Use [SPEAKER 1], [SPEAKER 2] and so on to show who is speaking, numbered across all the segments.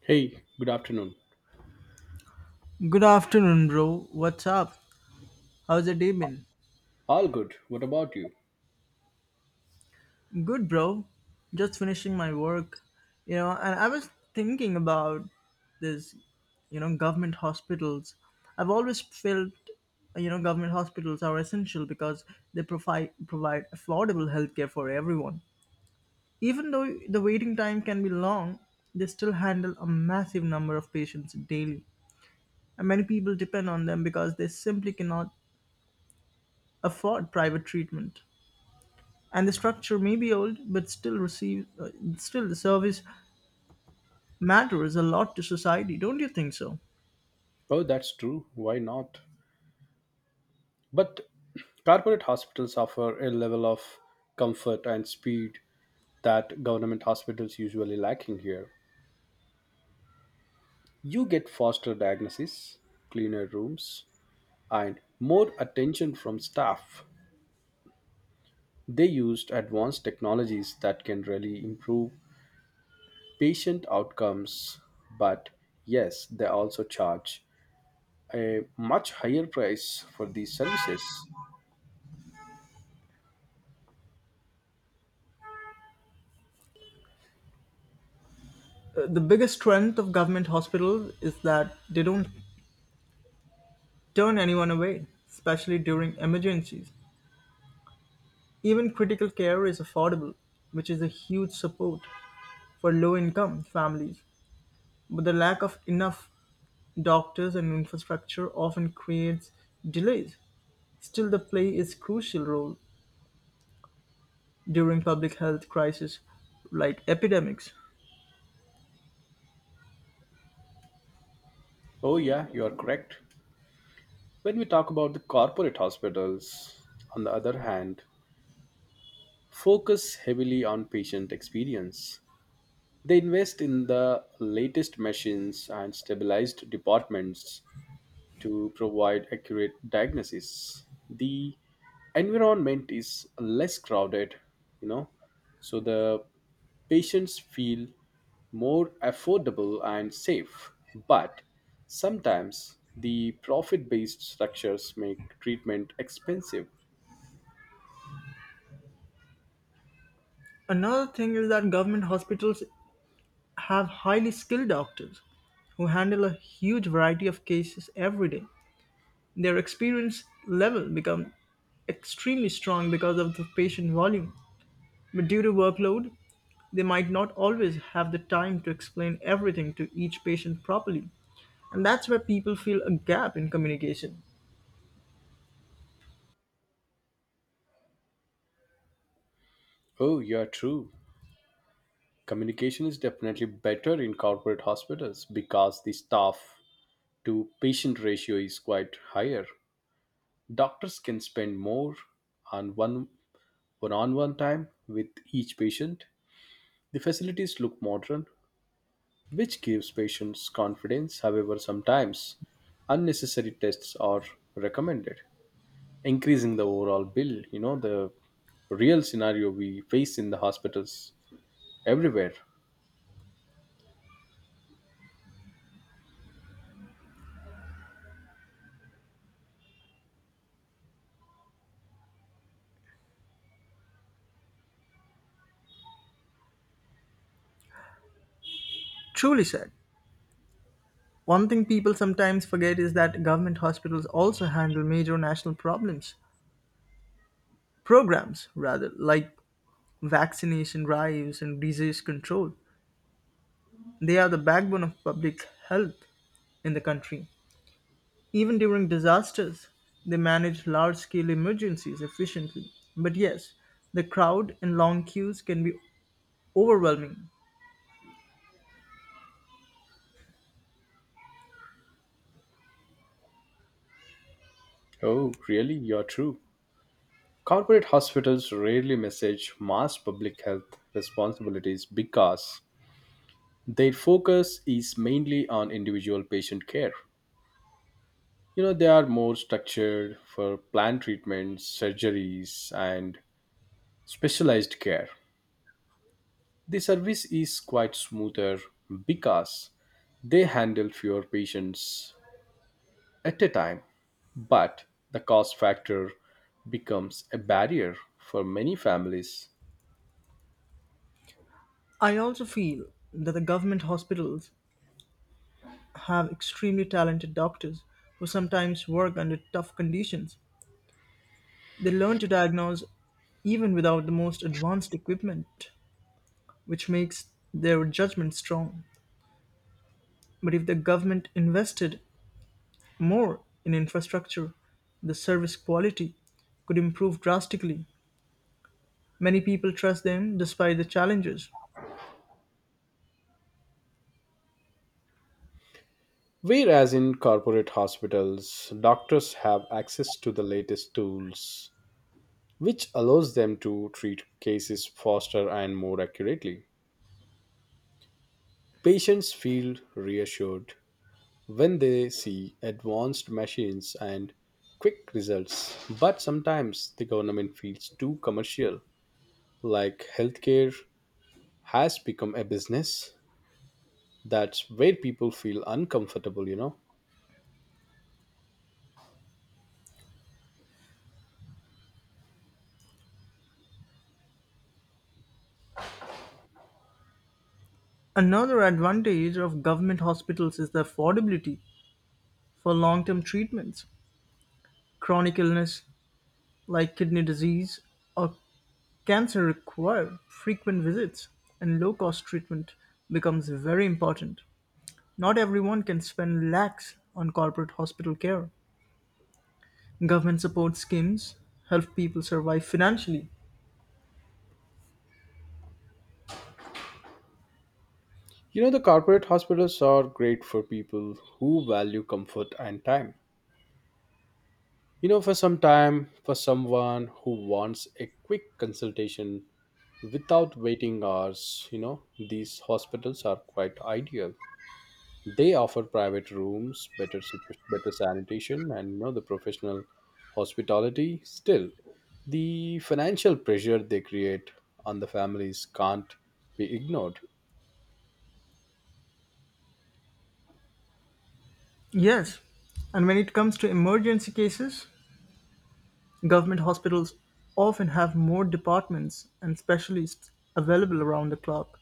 [SPEAKER 1] Hey, good afternoon.
[SPEAKER 2] Good afternoon, bro. What's up? How's the day been?
[SPEAKER 1] All good. What about you?
[SPEAKER 2] Good, bro. Just finishing my work, and I was thinking about this, government hospitals. I've always felt, government hospitals are essential because they provide affordable healthcare for everyone. Even though the waiting time can be long, they still handle a massive number of patients daily. And many people depend on them because they simply cannot afford private treatment. And the structure may be old, but still the service matters a lot to society, don't you think so?
[SPEAKER 1] Oh, that's true. Why not? But corporate hospitals offer a level of comfort and speed that government hospitals usually lacking here. You get faster diagnosis, cleaner rooms, and more attention from staff. They used advanced technologies that can really improve patient outcomes, but yes, they also charge a much higher price for these services.
[SPEAKER 2] The biggest strength of government hospitals is that they don't turn anyone away, especially during emergencies. Even critical care is affordable, which is a huge support for low income families, but the lack of enough doctors and infrastructure often creates delays. Still, the play is crucial role during public health crisis like epidemics.
[SPEAKER 1] Oh, yeah, you are correct. When we talk about the corporate hospitals, on the other hand, focus heavily on patient experience. They invest in the latest machines and stabilized departments to provide accurate diagnosis. The environment is less crowded, you know, so the patients feel more affordable and safe. But sometimes the profit based structures make treatment expensive.
[SPEAKER 2] Another thing is that government hospitals have highly skilled doctors who handle a huge variety of cases every day. Their experience level become extremely strong because of the patient volume. But due to workload, they might not always have the time to explain everything to each patient properly. And that's where people feel a gap in communication.
[SPEAKER 1] Oh, you're true. Communication is definitely better in corporate hospitals because the staff to patient ratio is quite higher. Doctors can spend more on one on one time with each patient. The facilities look modern, which gives patients confidence. However, sometimes unnecessary tests are recommended, increasing the overall bill. You know, the real scenario we face in the hospitals everywhere.
[SPEAKER 2] Truly said. One thing people sometimes forget is that government hospitals also handle major national problems, programs rather, like vaccination drives and disease control. They are the backbone of public health in the country. Even during disasters, they manage large scale emergencies efficiently. But yes, the crowd and long queues can be overwhelming.
[SPEAKER 1] Oh, really? You're true. Corporate hospitals rarely message mass public health responsibilities because their focus is mainly on individual patient care. You know, they are more structured for planned treatments, surgeries, and specialized care. The service is quite smoother because they handle fewer patients at a time, but the cost factor becomes a barrier for many families.
[SPEAKER 2] I also feel that the government hospitals have extremely talented doctors who sometimes work under tough conditions. They learn to diagnose even without the most advanced equipment, which makes their judgment strong. But if the government invested more in infrastructure, the service quality could improve drastically. Many people trust them despite the challenges.
[SPEAKER 1] Whereas in corporate hospitals, doctors have access to the latest tools which allows them to treat cases faster and more accurately. Patients feel reassured when they see advanced machines and quick results, but sometimes the government feels too commercial, like healthcare has become a business. That's where people feel uncomfortable.
[SPEAKER 2] Another advantage of government hospitals is the affordability for long term treatments. Chronic illness like kidney disease or cancer require frequent visits, and low-cost treatment becomes very important. Not everyone can spend lakhs on corporate hospital care. Government support schemes help people survive financially.
[SPEAKER 1] You know, the corporate hospitals are great for people who value comfort and time. You know, for some time, for someone who wants a quick consultation without waiting hours, these hospitals are quite ideal. They offer private rooms, better better sanitation, and the professional hospitality. Still, the financial pressure they create on the families can't be ignored.
[SPEAKER 2] Yes, and when it comes to emergency cases, government hospitals often have more departments and specialists available around the clock.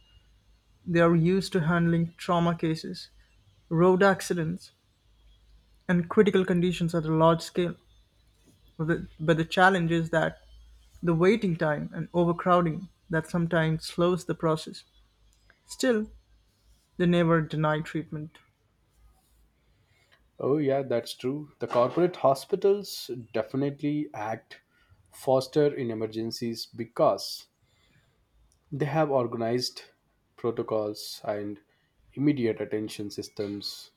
[SPEAKER 2] They are used to handling trauma cases, road accidents, and critical conditions at a large scale. but the challenge is that the waiting time and overcrowding that sometimes slows the process. Still, they never deny treatment.
[SPEAKER 1] Oh, yeah, that's true. The corporate hospitals definitely act faster in emergencies because they have organized protocols and immediate attention systems.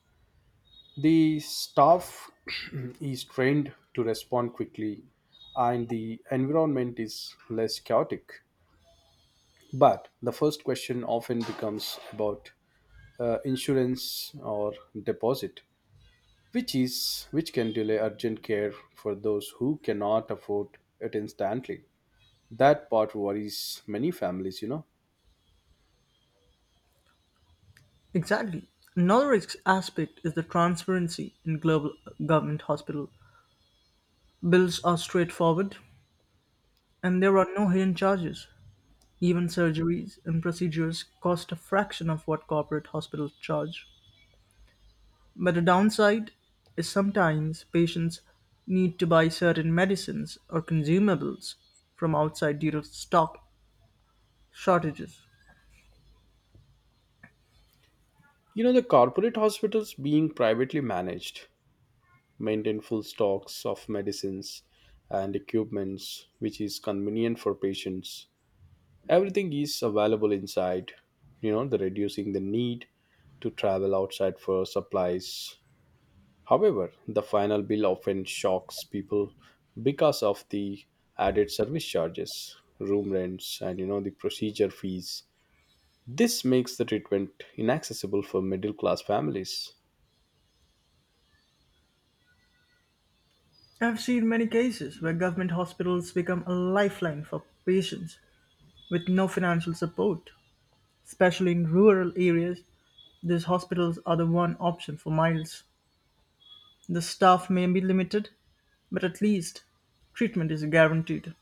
[SPEAKER 1] The staff is trained to respond quickly, and the environment is less chaotic. But the first question often becomes about insurance or deposit, which can delay urgent care for those who cannot afford it instantly. That part worries many families.
[SPEAKER 2] Exactly. Another aspect is the transparency in global government hospital. Bills are straightforward and there are no hidden charges. Even surgeries and procedures cost a fraction of what corporate hospitals charge. But the downside is sometimes patients need to buy certain medicines or consumables from outside due to stock shortages.
[SPEAKER 1] You know, the corporate hospitals, being privately managed, maintain full stocks of medicines and equipments, which is convenient for patients. Everything is available inside, the reducing the need to travel outside for supplies. However, the final bill often shocks people because of the added service charges, room rents, and the procedure fees. This makes the treatment inaccessible for middle class families.
[SPEAKER 2] I've seen many cases where government hospitals become a lifeline for patients with no financial support. Especially in rural areas, these hospitals are the one option for miles. The staff may be limited, but at least treatment is guaranteed.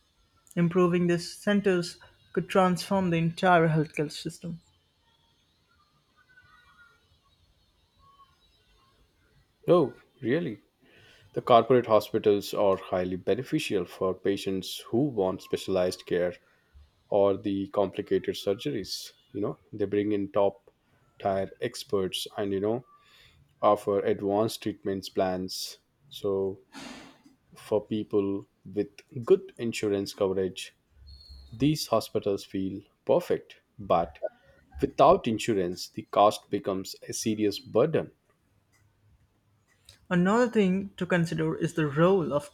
[SPEAKER 2] Improving these centers could transform the entire healthcare system.
[SPEAKER 1] Oh, really? The corporate hospitals are highly beneficial for patients who want specialized care or the complicated surgeries. You know, they bring in top tier experts and, offer advanced treatments plans. So, for people with good insurance coverage, these hospitals feel perfect. But without insurance, the cost becomes a serious burden.
[SPEAKER 2] Another thing to consider is the role of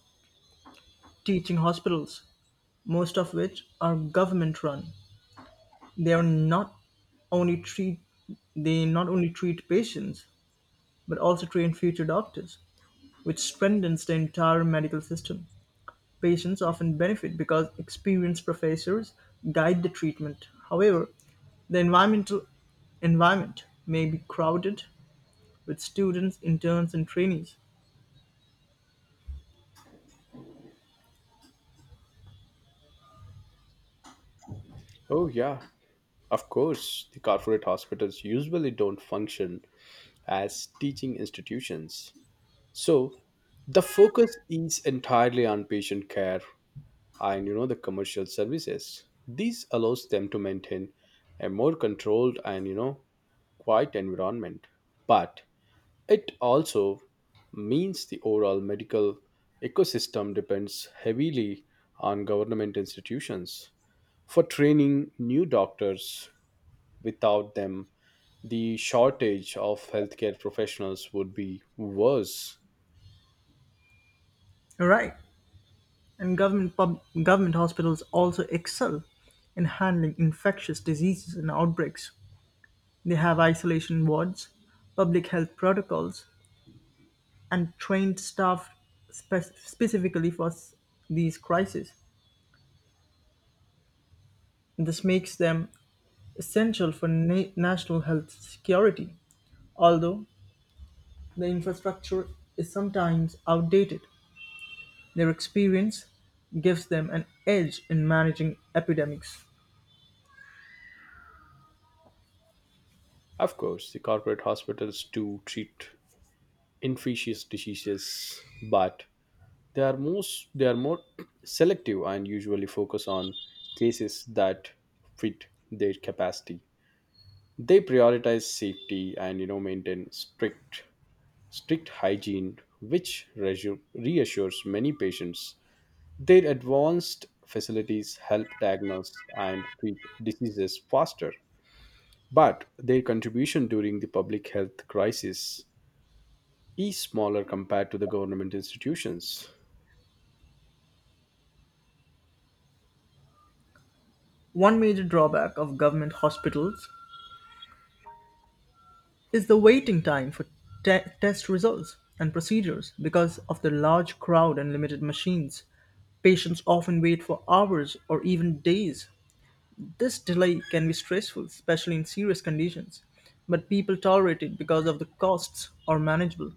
[SPEAKER 2] teaching hospitals, most of which are government run. They are not only treat they not only treat patients but also train future doctors, which strengthens the entire medical system. Patients often benefit because experienced professors guide the treatment. However, the environment may be crowded with students, interns, and trainees.
[SPEAKER 1] Oh, yeah, of course, the corporate hospitals usually don't function as teaching institutions. So the focus is entirely on patient care and the commercial services. This allows them to maintain a more controlled and quiet environment. But it also means the overall medical ecosystem depends heavily on government institutions for training new doctors. Without them, the shortage of healthcare professionals would be worse.
[SPEAKER 2] All right. And government hospitals also excel in handling infectious diseases and outbreaks. They have isolation wards, public health protocols, and trained staff specifically for these crises. This makes them essential for national health security. Although the infrastructure is sometimes outdated, their experience gives them an edge in managing epidemics.
[SPEAKER 1] Of course, the corporate hospitals do treat infectious diseases, but they are more selective and usually focus on cases that fit their capacity. They prioritize safety and maintain strict hygiene, which reassures many patients. Their advanced facilities help diagnose and treat diseases faster, but their contribution during the public health crisis is smaller compared to the government institutions.
[SPEAKER 2] One major drawback of government hospitals is the waiting time for test results and procedures. Because of the large crowd and limited machines, patients often wait for hours or even days. This delay can be stressful, especially in serious conditions, but people tolerate it because of the costs are manageable.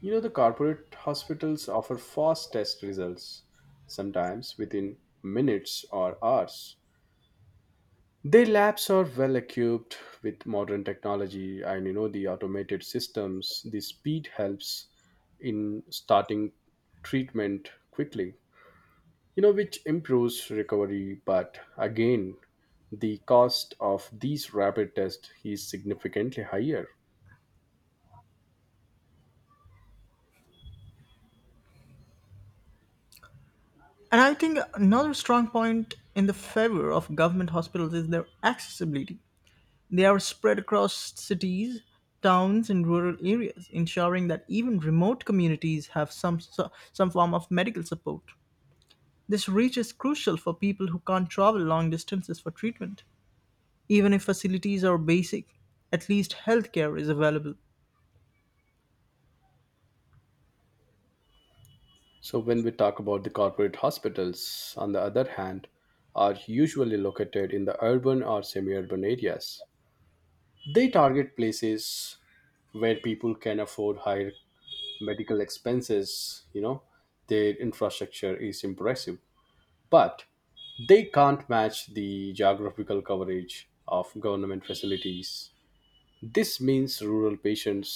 [SPEAKER 1] You know, the corporate hospitals offer fast test results, sometimes within minutes or hours. Their labs are well equipped with modern technology and the automated systems. The speed helps in starting treatment quickly, which improves recovery. But again, the cost of these rapid tests is significantly higher.
[SPEAKER 2] And I think another strong point in the favor of government hospitals is their accessibility. They are spread across cities, towns, and rural areas, ensuring that even remote communities have some form of medical support. This reach is crucial for people who can't travel long distances for treatment. Even if facilities are basic, at least healthcare is available.
[SPEAKER 1] So when we talk about the corporate hospitals, on the other hand, are usually located in the urban or semi-urban areas. They target places where people can afford higher medical expenses. Their infrastructure is impressive, but they can't match the geographical coverage of government facilities. This means rural patients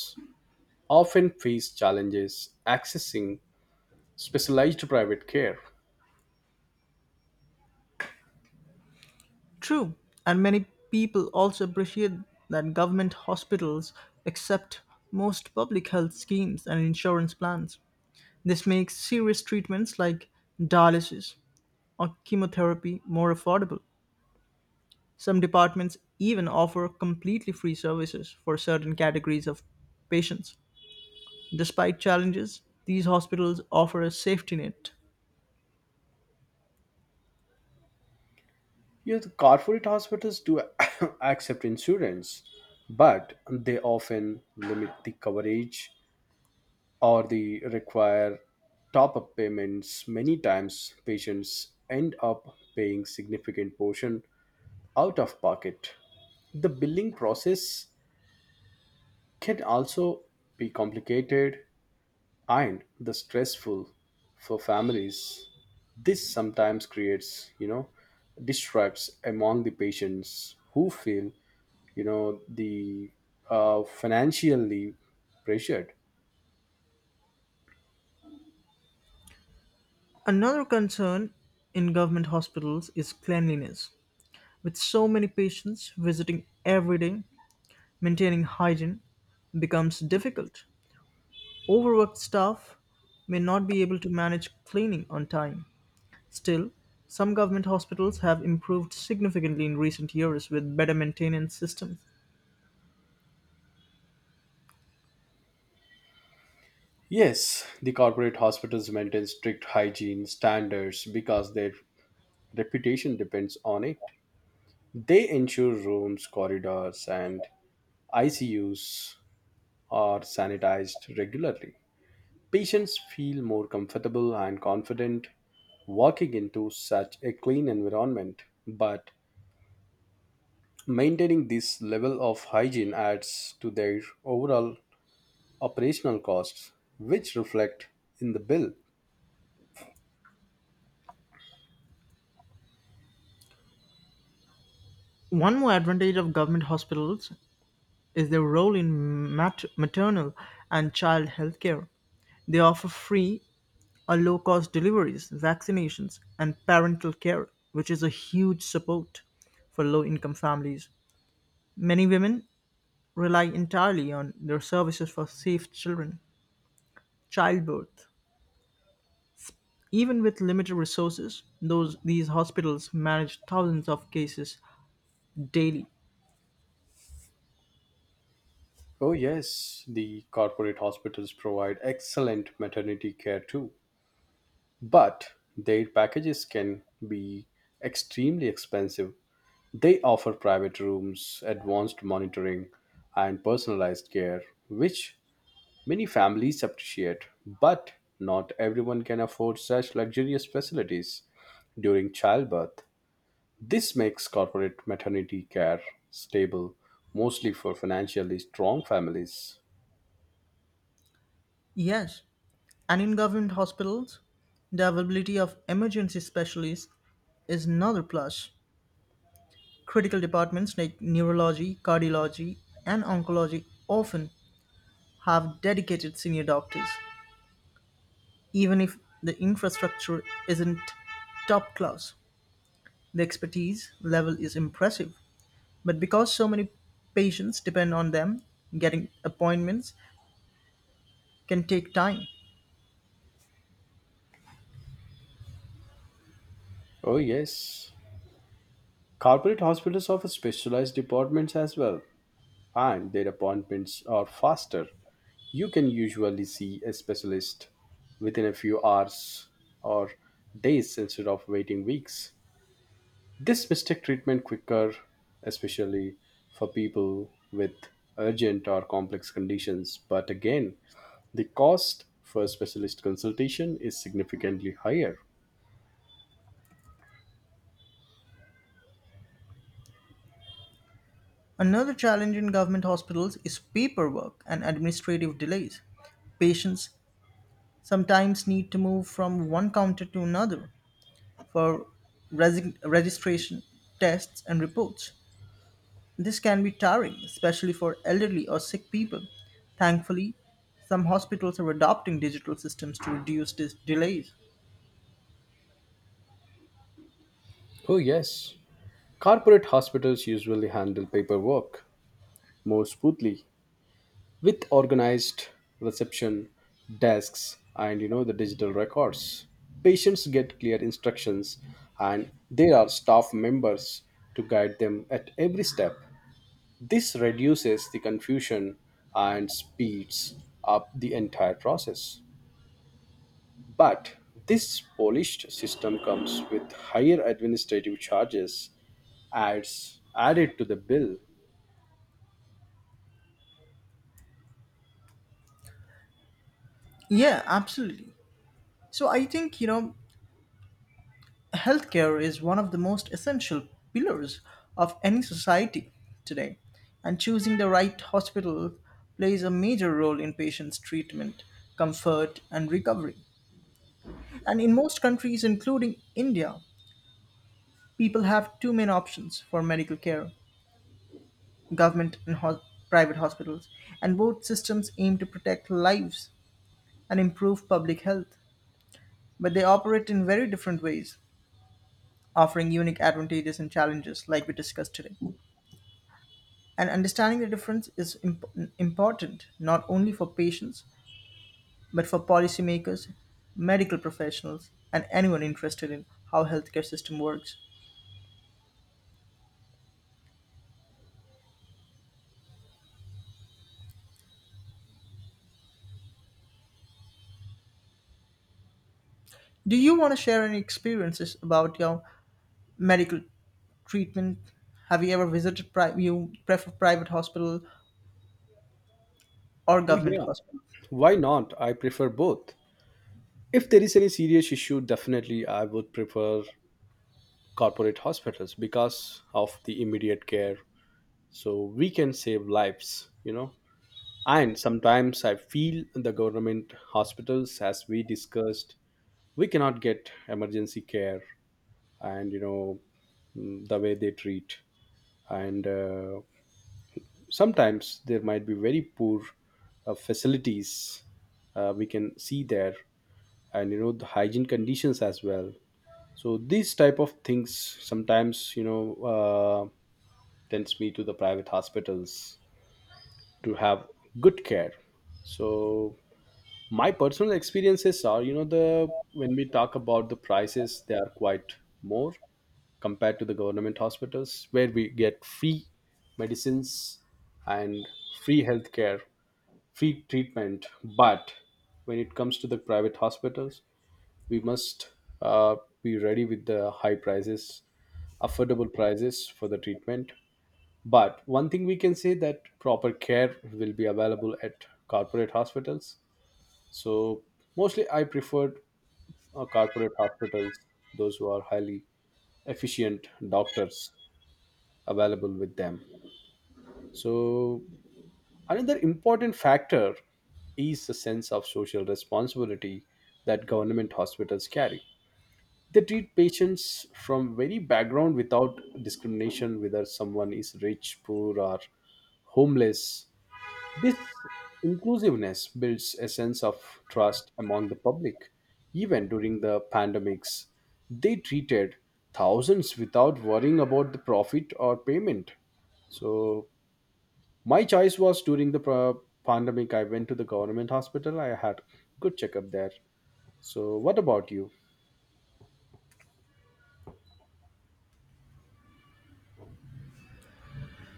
[SPEAKER 1] often face challenges accessing specialized private care.
[SPEAKER 2] True, and many people also appreciate that government hospitals accept most public health schemes and insurance plans. This makes serious treatments like dialysis or chemotherapy more affordable. Some departments even offer completely free services for certain categories of patients. Despite challenges, these hospitals offer a safety net.
[SPEAKER 1] Yet the corporate hospitals do accept insurance, but they often limit the coverage or they require top up payments. Many times, patients end up paying significant portion out of pocket. The billing process can also be complicated and the stressful for families. This sometimes creates, distrust among the patients who feel, the financially pressured.
[SPEAKER 2] Another concern in government hospitals is cleanliness. With so many patients visiting every day, maintaining hygiene becomes difficult. Overworked staff may not be able to manage cleaning on time. Still, some government hospitals have improved significantly in recent years with better maintenance systems.
[SPEAKER 1] Yes, the corporate hospitals maintain strict hygiene standards because their reputation depends on it. They ensure rooms, corridors, and icus are sanitized regularly. Patients feel more comfortable and confident walking into such a clean environment, but maintaining this level of hygiene adds to their overall operational costs, which reflect in the bill.
[SPEAKER 2] One more advantage of government hospitals is their role in maternal and child health care. They offer free or low cost deliveries, vaccinations, and parental care, which is a huge support for low income families. Many women rely entirely on their services for safe childbirth. Even with limited resources, those these hospitals manage thousands of cases daily.
[SPEAKER 1] Oh, yes, the corporate hospitals provide excellent maternity care too, but their packages can be extremely expensive. They offer private rooms, advanced monitoring, and personalized care, which many families appreciate, but not everyone can afford such luxurious facilities during childbirth. This makes corporate maternity care stable mostly for financially strong families.
[SPEAKER 2] Yes, and in government hospitals, the availability of emergency specialists is another plus. Critical departments like neurology, cardiology, and oncology often have dedicated senior doctors. Even if the infrastructure isn't top class, the expertise level is impressive. But because so many patients depend on them, getting appointments can take time.
[SPEAKER 1] Oh, yes. Corporate hospitals offer specialized departments as well, and their appointments are faster. You can usually see a specialist within a few hours or days instead of waiting weeks. This mistake treatment quicker, especially for people with urgent or complex conditions. But again, the cost for specialist consultation is significantly higher.
[SPEAKER 2] Another challenge in government hospitals is paperwork and administrative delays. Patients sometimes need to move from one counter to another for registration, tests, and reports. This can be tiring, especially for elderly or sick people. Thankfully, some hospitals are adopting digital systems to reduce these delays.
[SPEAKER 1] Oh, yes. Corporate hospitals usually handle paperwork more smoothly with organized reception desks and the digital records. Patients get clear instructions and there are staff members to guide them at every step. This reduces the confusion and speeds up the entire process. But this polished system comes with higher administrative charges, adds added to the bill.
[SPEAKER 2] Yeah, absolutely. So I think, healthcare is one of the most essential pillars of any society today, and choosing the right hospital plays a major role in patients' treatment, comfort, and recovery. And in most countries, including India, people have two main options for medical care: government and private hospitals, and both systems aim to protect lives and improve public health. But they operate in very different ways, offering unique advantages and challenges, like we discussed today. And understanding the difference is important not only for patients, but for policymakers, medical professionals, and anyone interested in how healthcare system works. Do you want to share any experiences about your medical treatment? Have you ever visited pri- you prefer private hospital or
[SPEAKER 1] Oh
[SPEAKER 2] government
[SPEAKER 1] yeah,
[SPEAKER 2] hospital?
[SPEAKER 1] why not? I prefer both. If there is any serious issue, definitely I would prefer corporate hospitals because of the immediate care. So we can save lives. And sometimes I feel the government hospitals, as we discussed, we cannot get emergency care, and the way they treat, and sometimes there might be very poor facilities we can see there, and the hygiene conditions as well. So these type of things sometimes, tends me to the private hospitals to have good care. So my personal experiences are, you know the when we talk about the prices, they are quite more compared to the government hospitals where we get free medicines and free healthcare, free treatment. But when it comes to the private hospitals, we must uh, be ready with the high prices, affordable prices for the treatment. But one thing we can say, that proper care will be available at corporate hospitals. So mostly I preferred corporate hospitals, those who are highly efficient doctors available with them. So another important factor is the sense of social responsibility that government hospitals carry. They treat patients from very background without discrimination, whether someone is rich, poor, or homeless. This inclusiveness builds a sense of trust among the public. Even during the pandemics, they treated thousands without worrying about the profit or payment. So, my choice was during the pandemic, I went to the government hospital. I had good checkup there. So, what about you?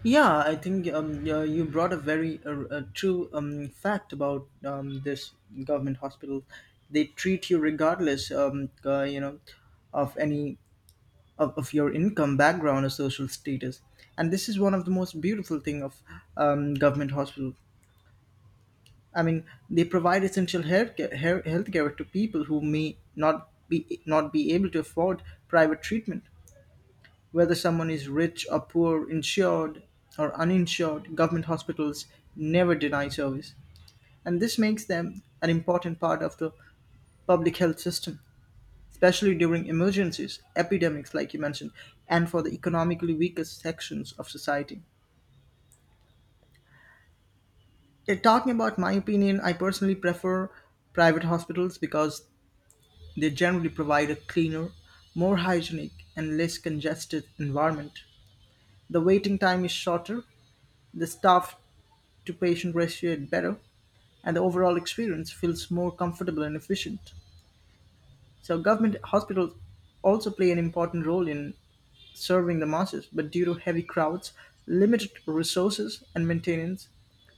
[SPEAKER 2] Yeah, I think yeah, you brought a very a true fact about this government hospital. They treat you regardless, of any of your income, background, or social status. And this is one of the most beautiful thing of government hospital. I mean, they provide essential healthcare to people who may not be able to afford private treatment. Whether someone is rich or poor, insured or uninsured, government hospitals never deny service. And this makes them an important part of the public health system, especially during emergencies, epidemics, like you mentioned, and for the economically weakest sections of society. Yeah, talking about my opinion, I personally prefer private hospitals because they generally provide a cleaner, more hygienic, and less congested environment. The waiting time is shorter, the staff to patient ratio is better, and the overall experience feels more comfortable and efficient. So government hospitals also play an important role in serving the masses, but due to heavy crowds, limited resources and maintenance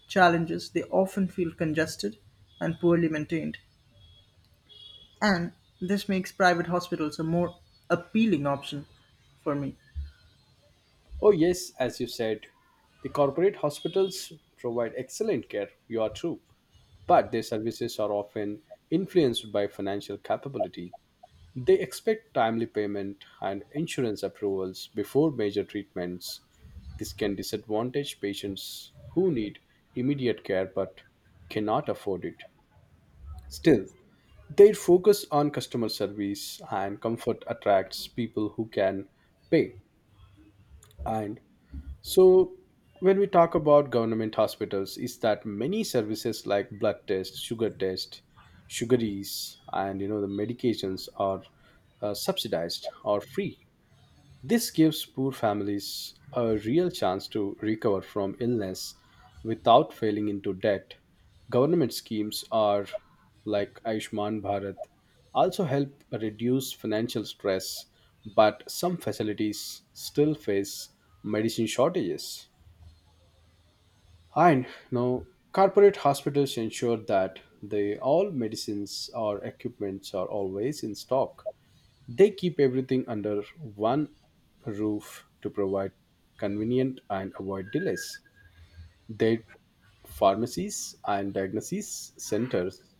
[SPEAKER 2] challenges, they often feel congested and poorly maintained. And this makes private hospitals a more appealing option for me.
[SPEAKER 1] Oh, yes, as you said, the corporate hospitals provide excellent care. You are true. But their services are often influenced by financial capability. They expect timely payment and insurance approvals before major treatments. This can disadvantage patients who need immediate care but cannot afford it. Still, their focus on customer service and comfort attracts people who can pay. And so, when we talk about government hospitals, is that many services like blood tests, sugar test, sugaries, and the medications are subsidized or free. This gives poor families a real chance to recover from illness without falling into debt. Government schemes are like Ayushman Bharat also help reduce financial stress, but some facilities still face medicine shortages. And now corporate hospitals ensure that the all medicines or equipments are always in stock. They keep everything under one roof to provide convenient and avoid delays. Their pharmacies and diagnosis centers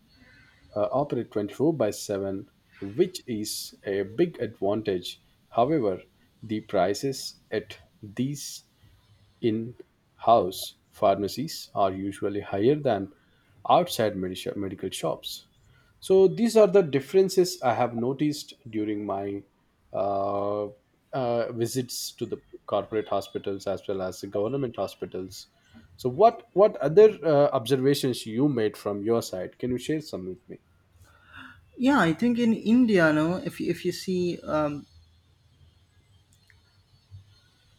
[SPEAKER 1] operate 24 by 7, which is a big advantage. However, the prices at these in house pharmacies are usually higher than outside medical shops. So these are the differences I have noticed during my uh, visits to the corporate hospitals as well as the government hospitals. So what other observations you made from your side? Can you share some with me?
[SPEAKER 2] Yeah, I think in India, no, if you see, um,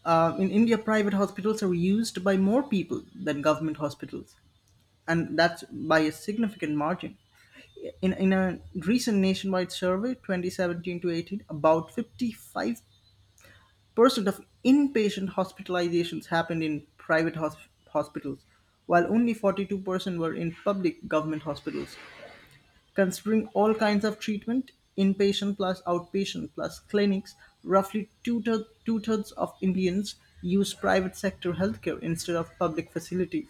[SPEAKER 2] in India, private hospitals are used by more people than government hospitals, and that's by a significant margin. In a recent nationwide survey, 2017 to 18, about 55% of inpatient hospitalizations happened in private hospitals, while only 42% were in public government hospitals. Considering all kinds of treatment, inpatient plus outpatient plus clinics, roughly two-thirds of Indians use private sector healthcare instead of public facilities.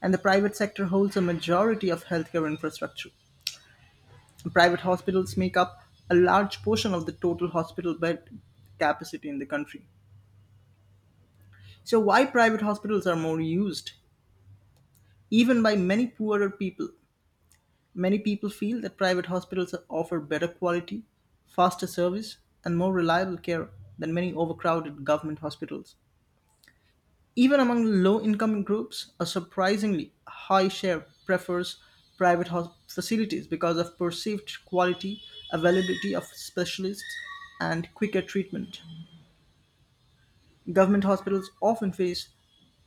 [SPEAKER 2] And the private sector holds a majority of healthcare infrastructure. Private hospitals make up a large portion of the total hospital bed capacity in the country. So, why private hospitals are more used, even by many poorer people? Many people feel that private hospitals offer better quality, faster service, and more reliable care than many overcrowded government hospitals. Even among low income groups, a surprisingly high share prefers private facilities because of perceived quality, availability of specialists, and quicker treatment. Government hospitals often face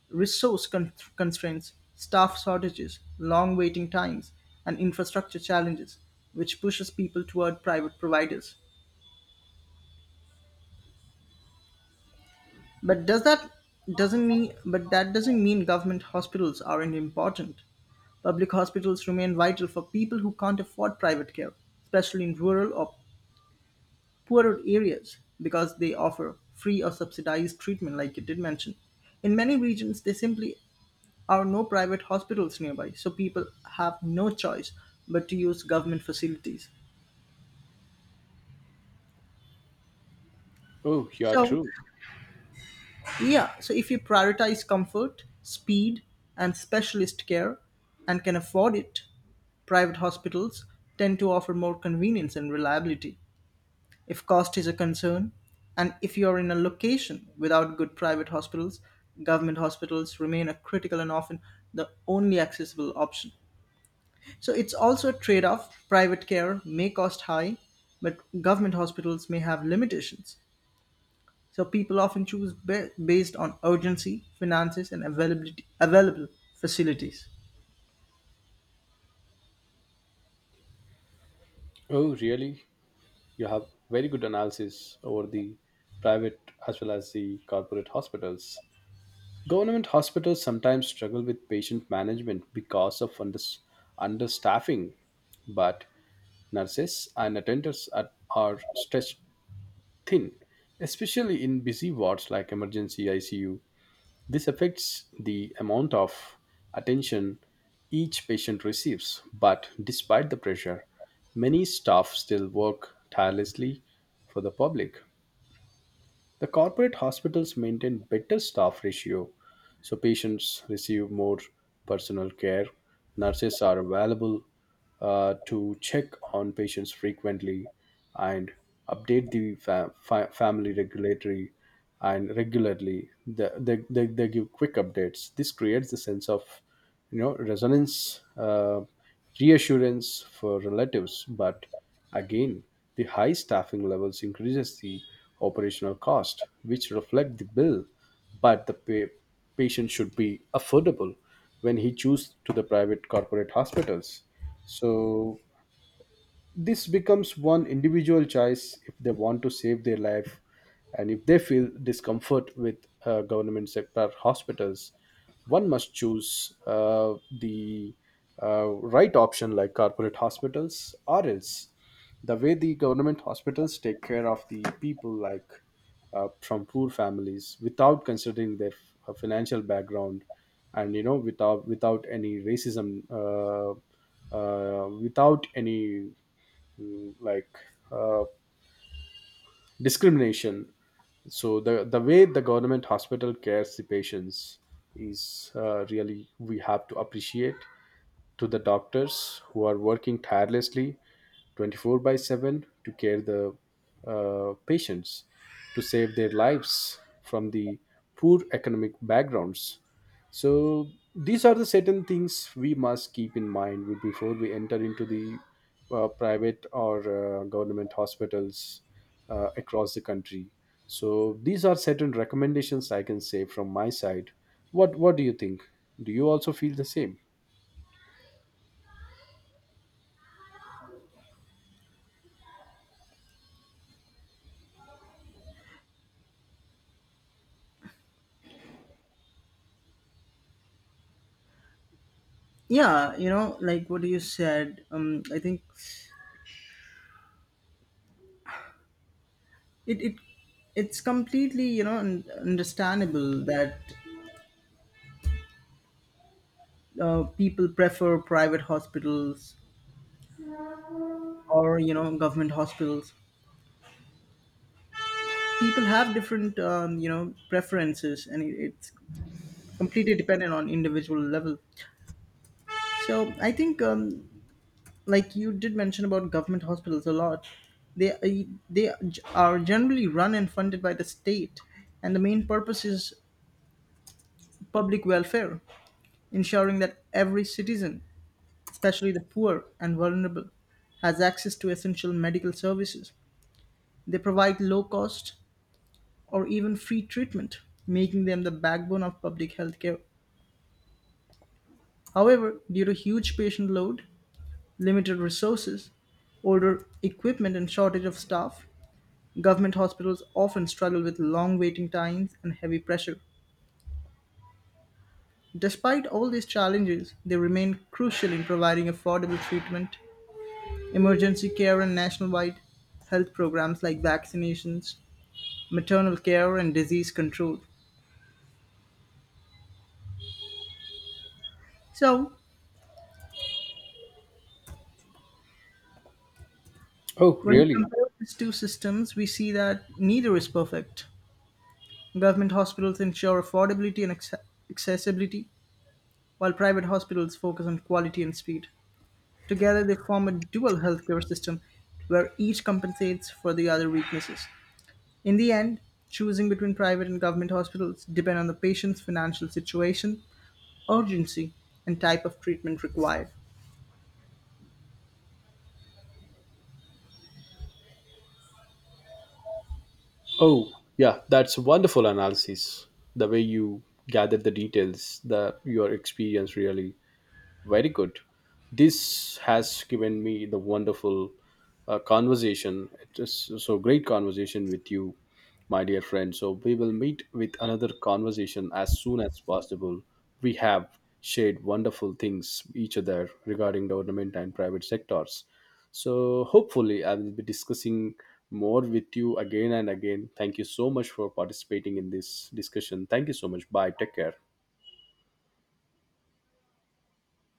[SPEAKER 2] resource constraints, staff shortages, long waiting times, and infrastructure challenges, which pushes people toward private providers. But does that doesn't mean but that doesn't mean government hospitals aren't important. Public hospitals remain vital for people who can't afford private care, especially in rural or poorer areas, because they offer free or subsidized treatment like you did mention. In many regions there simply are no private hospitals nearby, so people have no choice but to use government facilities.
[SPEAKER 1] Oh, you are
[SPEAKER 2] So
[SPEAKER 1] true.
[SPEAKER 2] yeah, so if you prioritize comfort, speed, and specialist care and can afford it, private hospitals tend to offer more convenience and reliability. If cost is a concern, and if you are in a location without good private hospitals, government hospitals remain a critical and often the only accessible option. So it's also a trade off. Private care may cost high, but government hospitals may have limitations. So people often choose based on urgency, finances, and availability available facilities.
[SPEAKER 1] Oh, really? You have very good analysis over the private as well as the corporate hospitals. Government hospitals sometimes struggle with patient management because of understaffing, but nurses and attenders are stretched thin, especially in busy wards like emergency ICU. This affects the amount of attention each patient receives, but despite the pressure, many staff still work tirelessly for the public. The corporate hospitals maintain better staff ratio, so patients receive more personal care. Nurses are available to check on patients frequently and update the family regulatory and regularly. They give quick updates. This creates the sense of, resonance reassurance for relatives. But again, the high staffing levels increases the operational cost, which reflect the bill. But the patient should be affordable when he choose to the private corporate hospitals. So this becomes one individual choice. If they want to save their life, and if they feel discomfort with government sector hospitals, one must choose the right option, like corporate hospitals. Or else, the way the government hospitals take care of the people, like from poor families without considering their financial background, and you know, without any racism, without any like uh, discrimination. So the way the government hospital cares the patients is, really we have to appreciate to the doctors who are working tirelessly 24 by 7 to care the patients, to save their lives from the poor economic backgrounds. So these are the certain things we must keep in mind before we enter into the private or government hospitals across the country. So these are certain recommendations I can say from my side. What do you think? Do you also feel the same?
[SPEAKER 2] Yeah, you know, like what you said, I think it, it it's completely understandable that people prefer private hospitals or government hospitals. People have different preferences, and it's completely dependent on individual level. So I think like you did mention about government hospitals a lot, they are generally run and funded by the state, and the main purpose is public welfare, ensuring that every citizen, especially the poor and vulnerable, has access to essential medical services. They provide low cost or even free treatment, making them the backbone of public health care. However, due to huge patient load, limited resources, older equipment and shortage of staff, government hospitals often struggle with long waiting times and heavy pressure. Despite all these challenges, they remain crucial in providing affordable treatment, emergency care, and nationwide health programs like vaccinations, maternal care, and disease control. So,
[SPEAKER 1] Oh,
[SPEAKER 2] when we
[SPEAKER 1] really?
[SPEAKER 2] compare these two systems, we see that neither is perfect. Government hospitals ensure affordability and accessibility, while private hospitals focus on quality and speed. Together, they form a dual healthcare system where each compensates for the other weaknesses. In the end, choosing between private and government hospitals depend on the patient's financial situation, urgency, and type of treatment required.
[SPEAKER 1] Oh, yeah, that's wonderful analysis. The way you gather the details, the your experience really very good. This has given me the wonderful conversation. It is so great conversation with you, my dear friend. So we will meet with another conversation as soon as possible. We have shared wonderful things each other regarding the government and private sectors. So hopefully I will be discussing more with you again and again. Thank you so much for participating in this discussion. Thank you so much. Bye. Take care.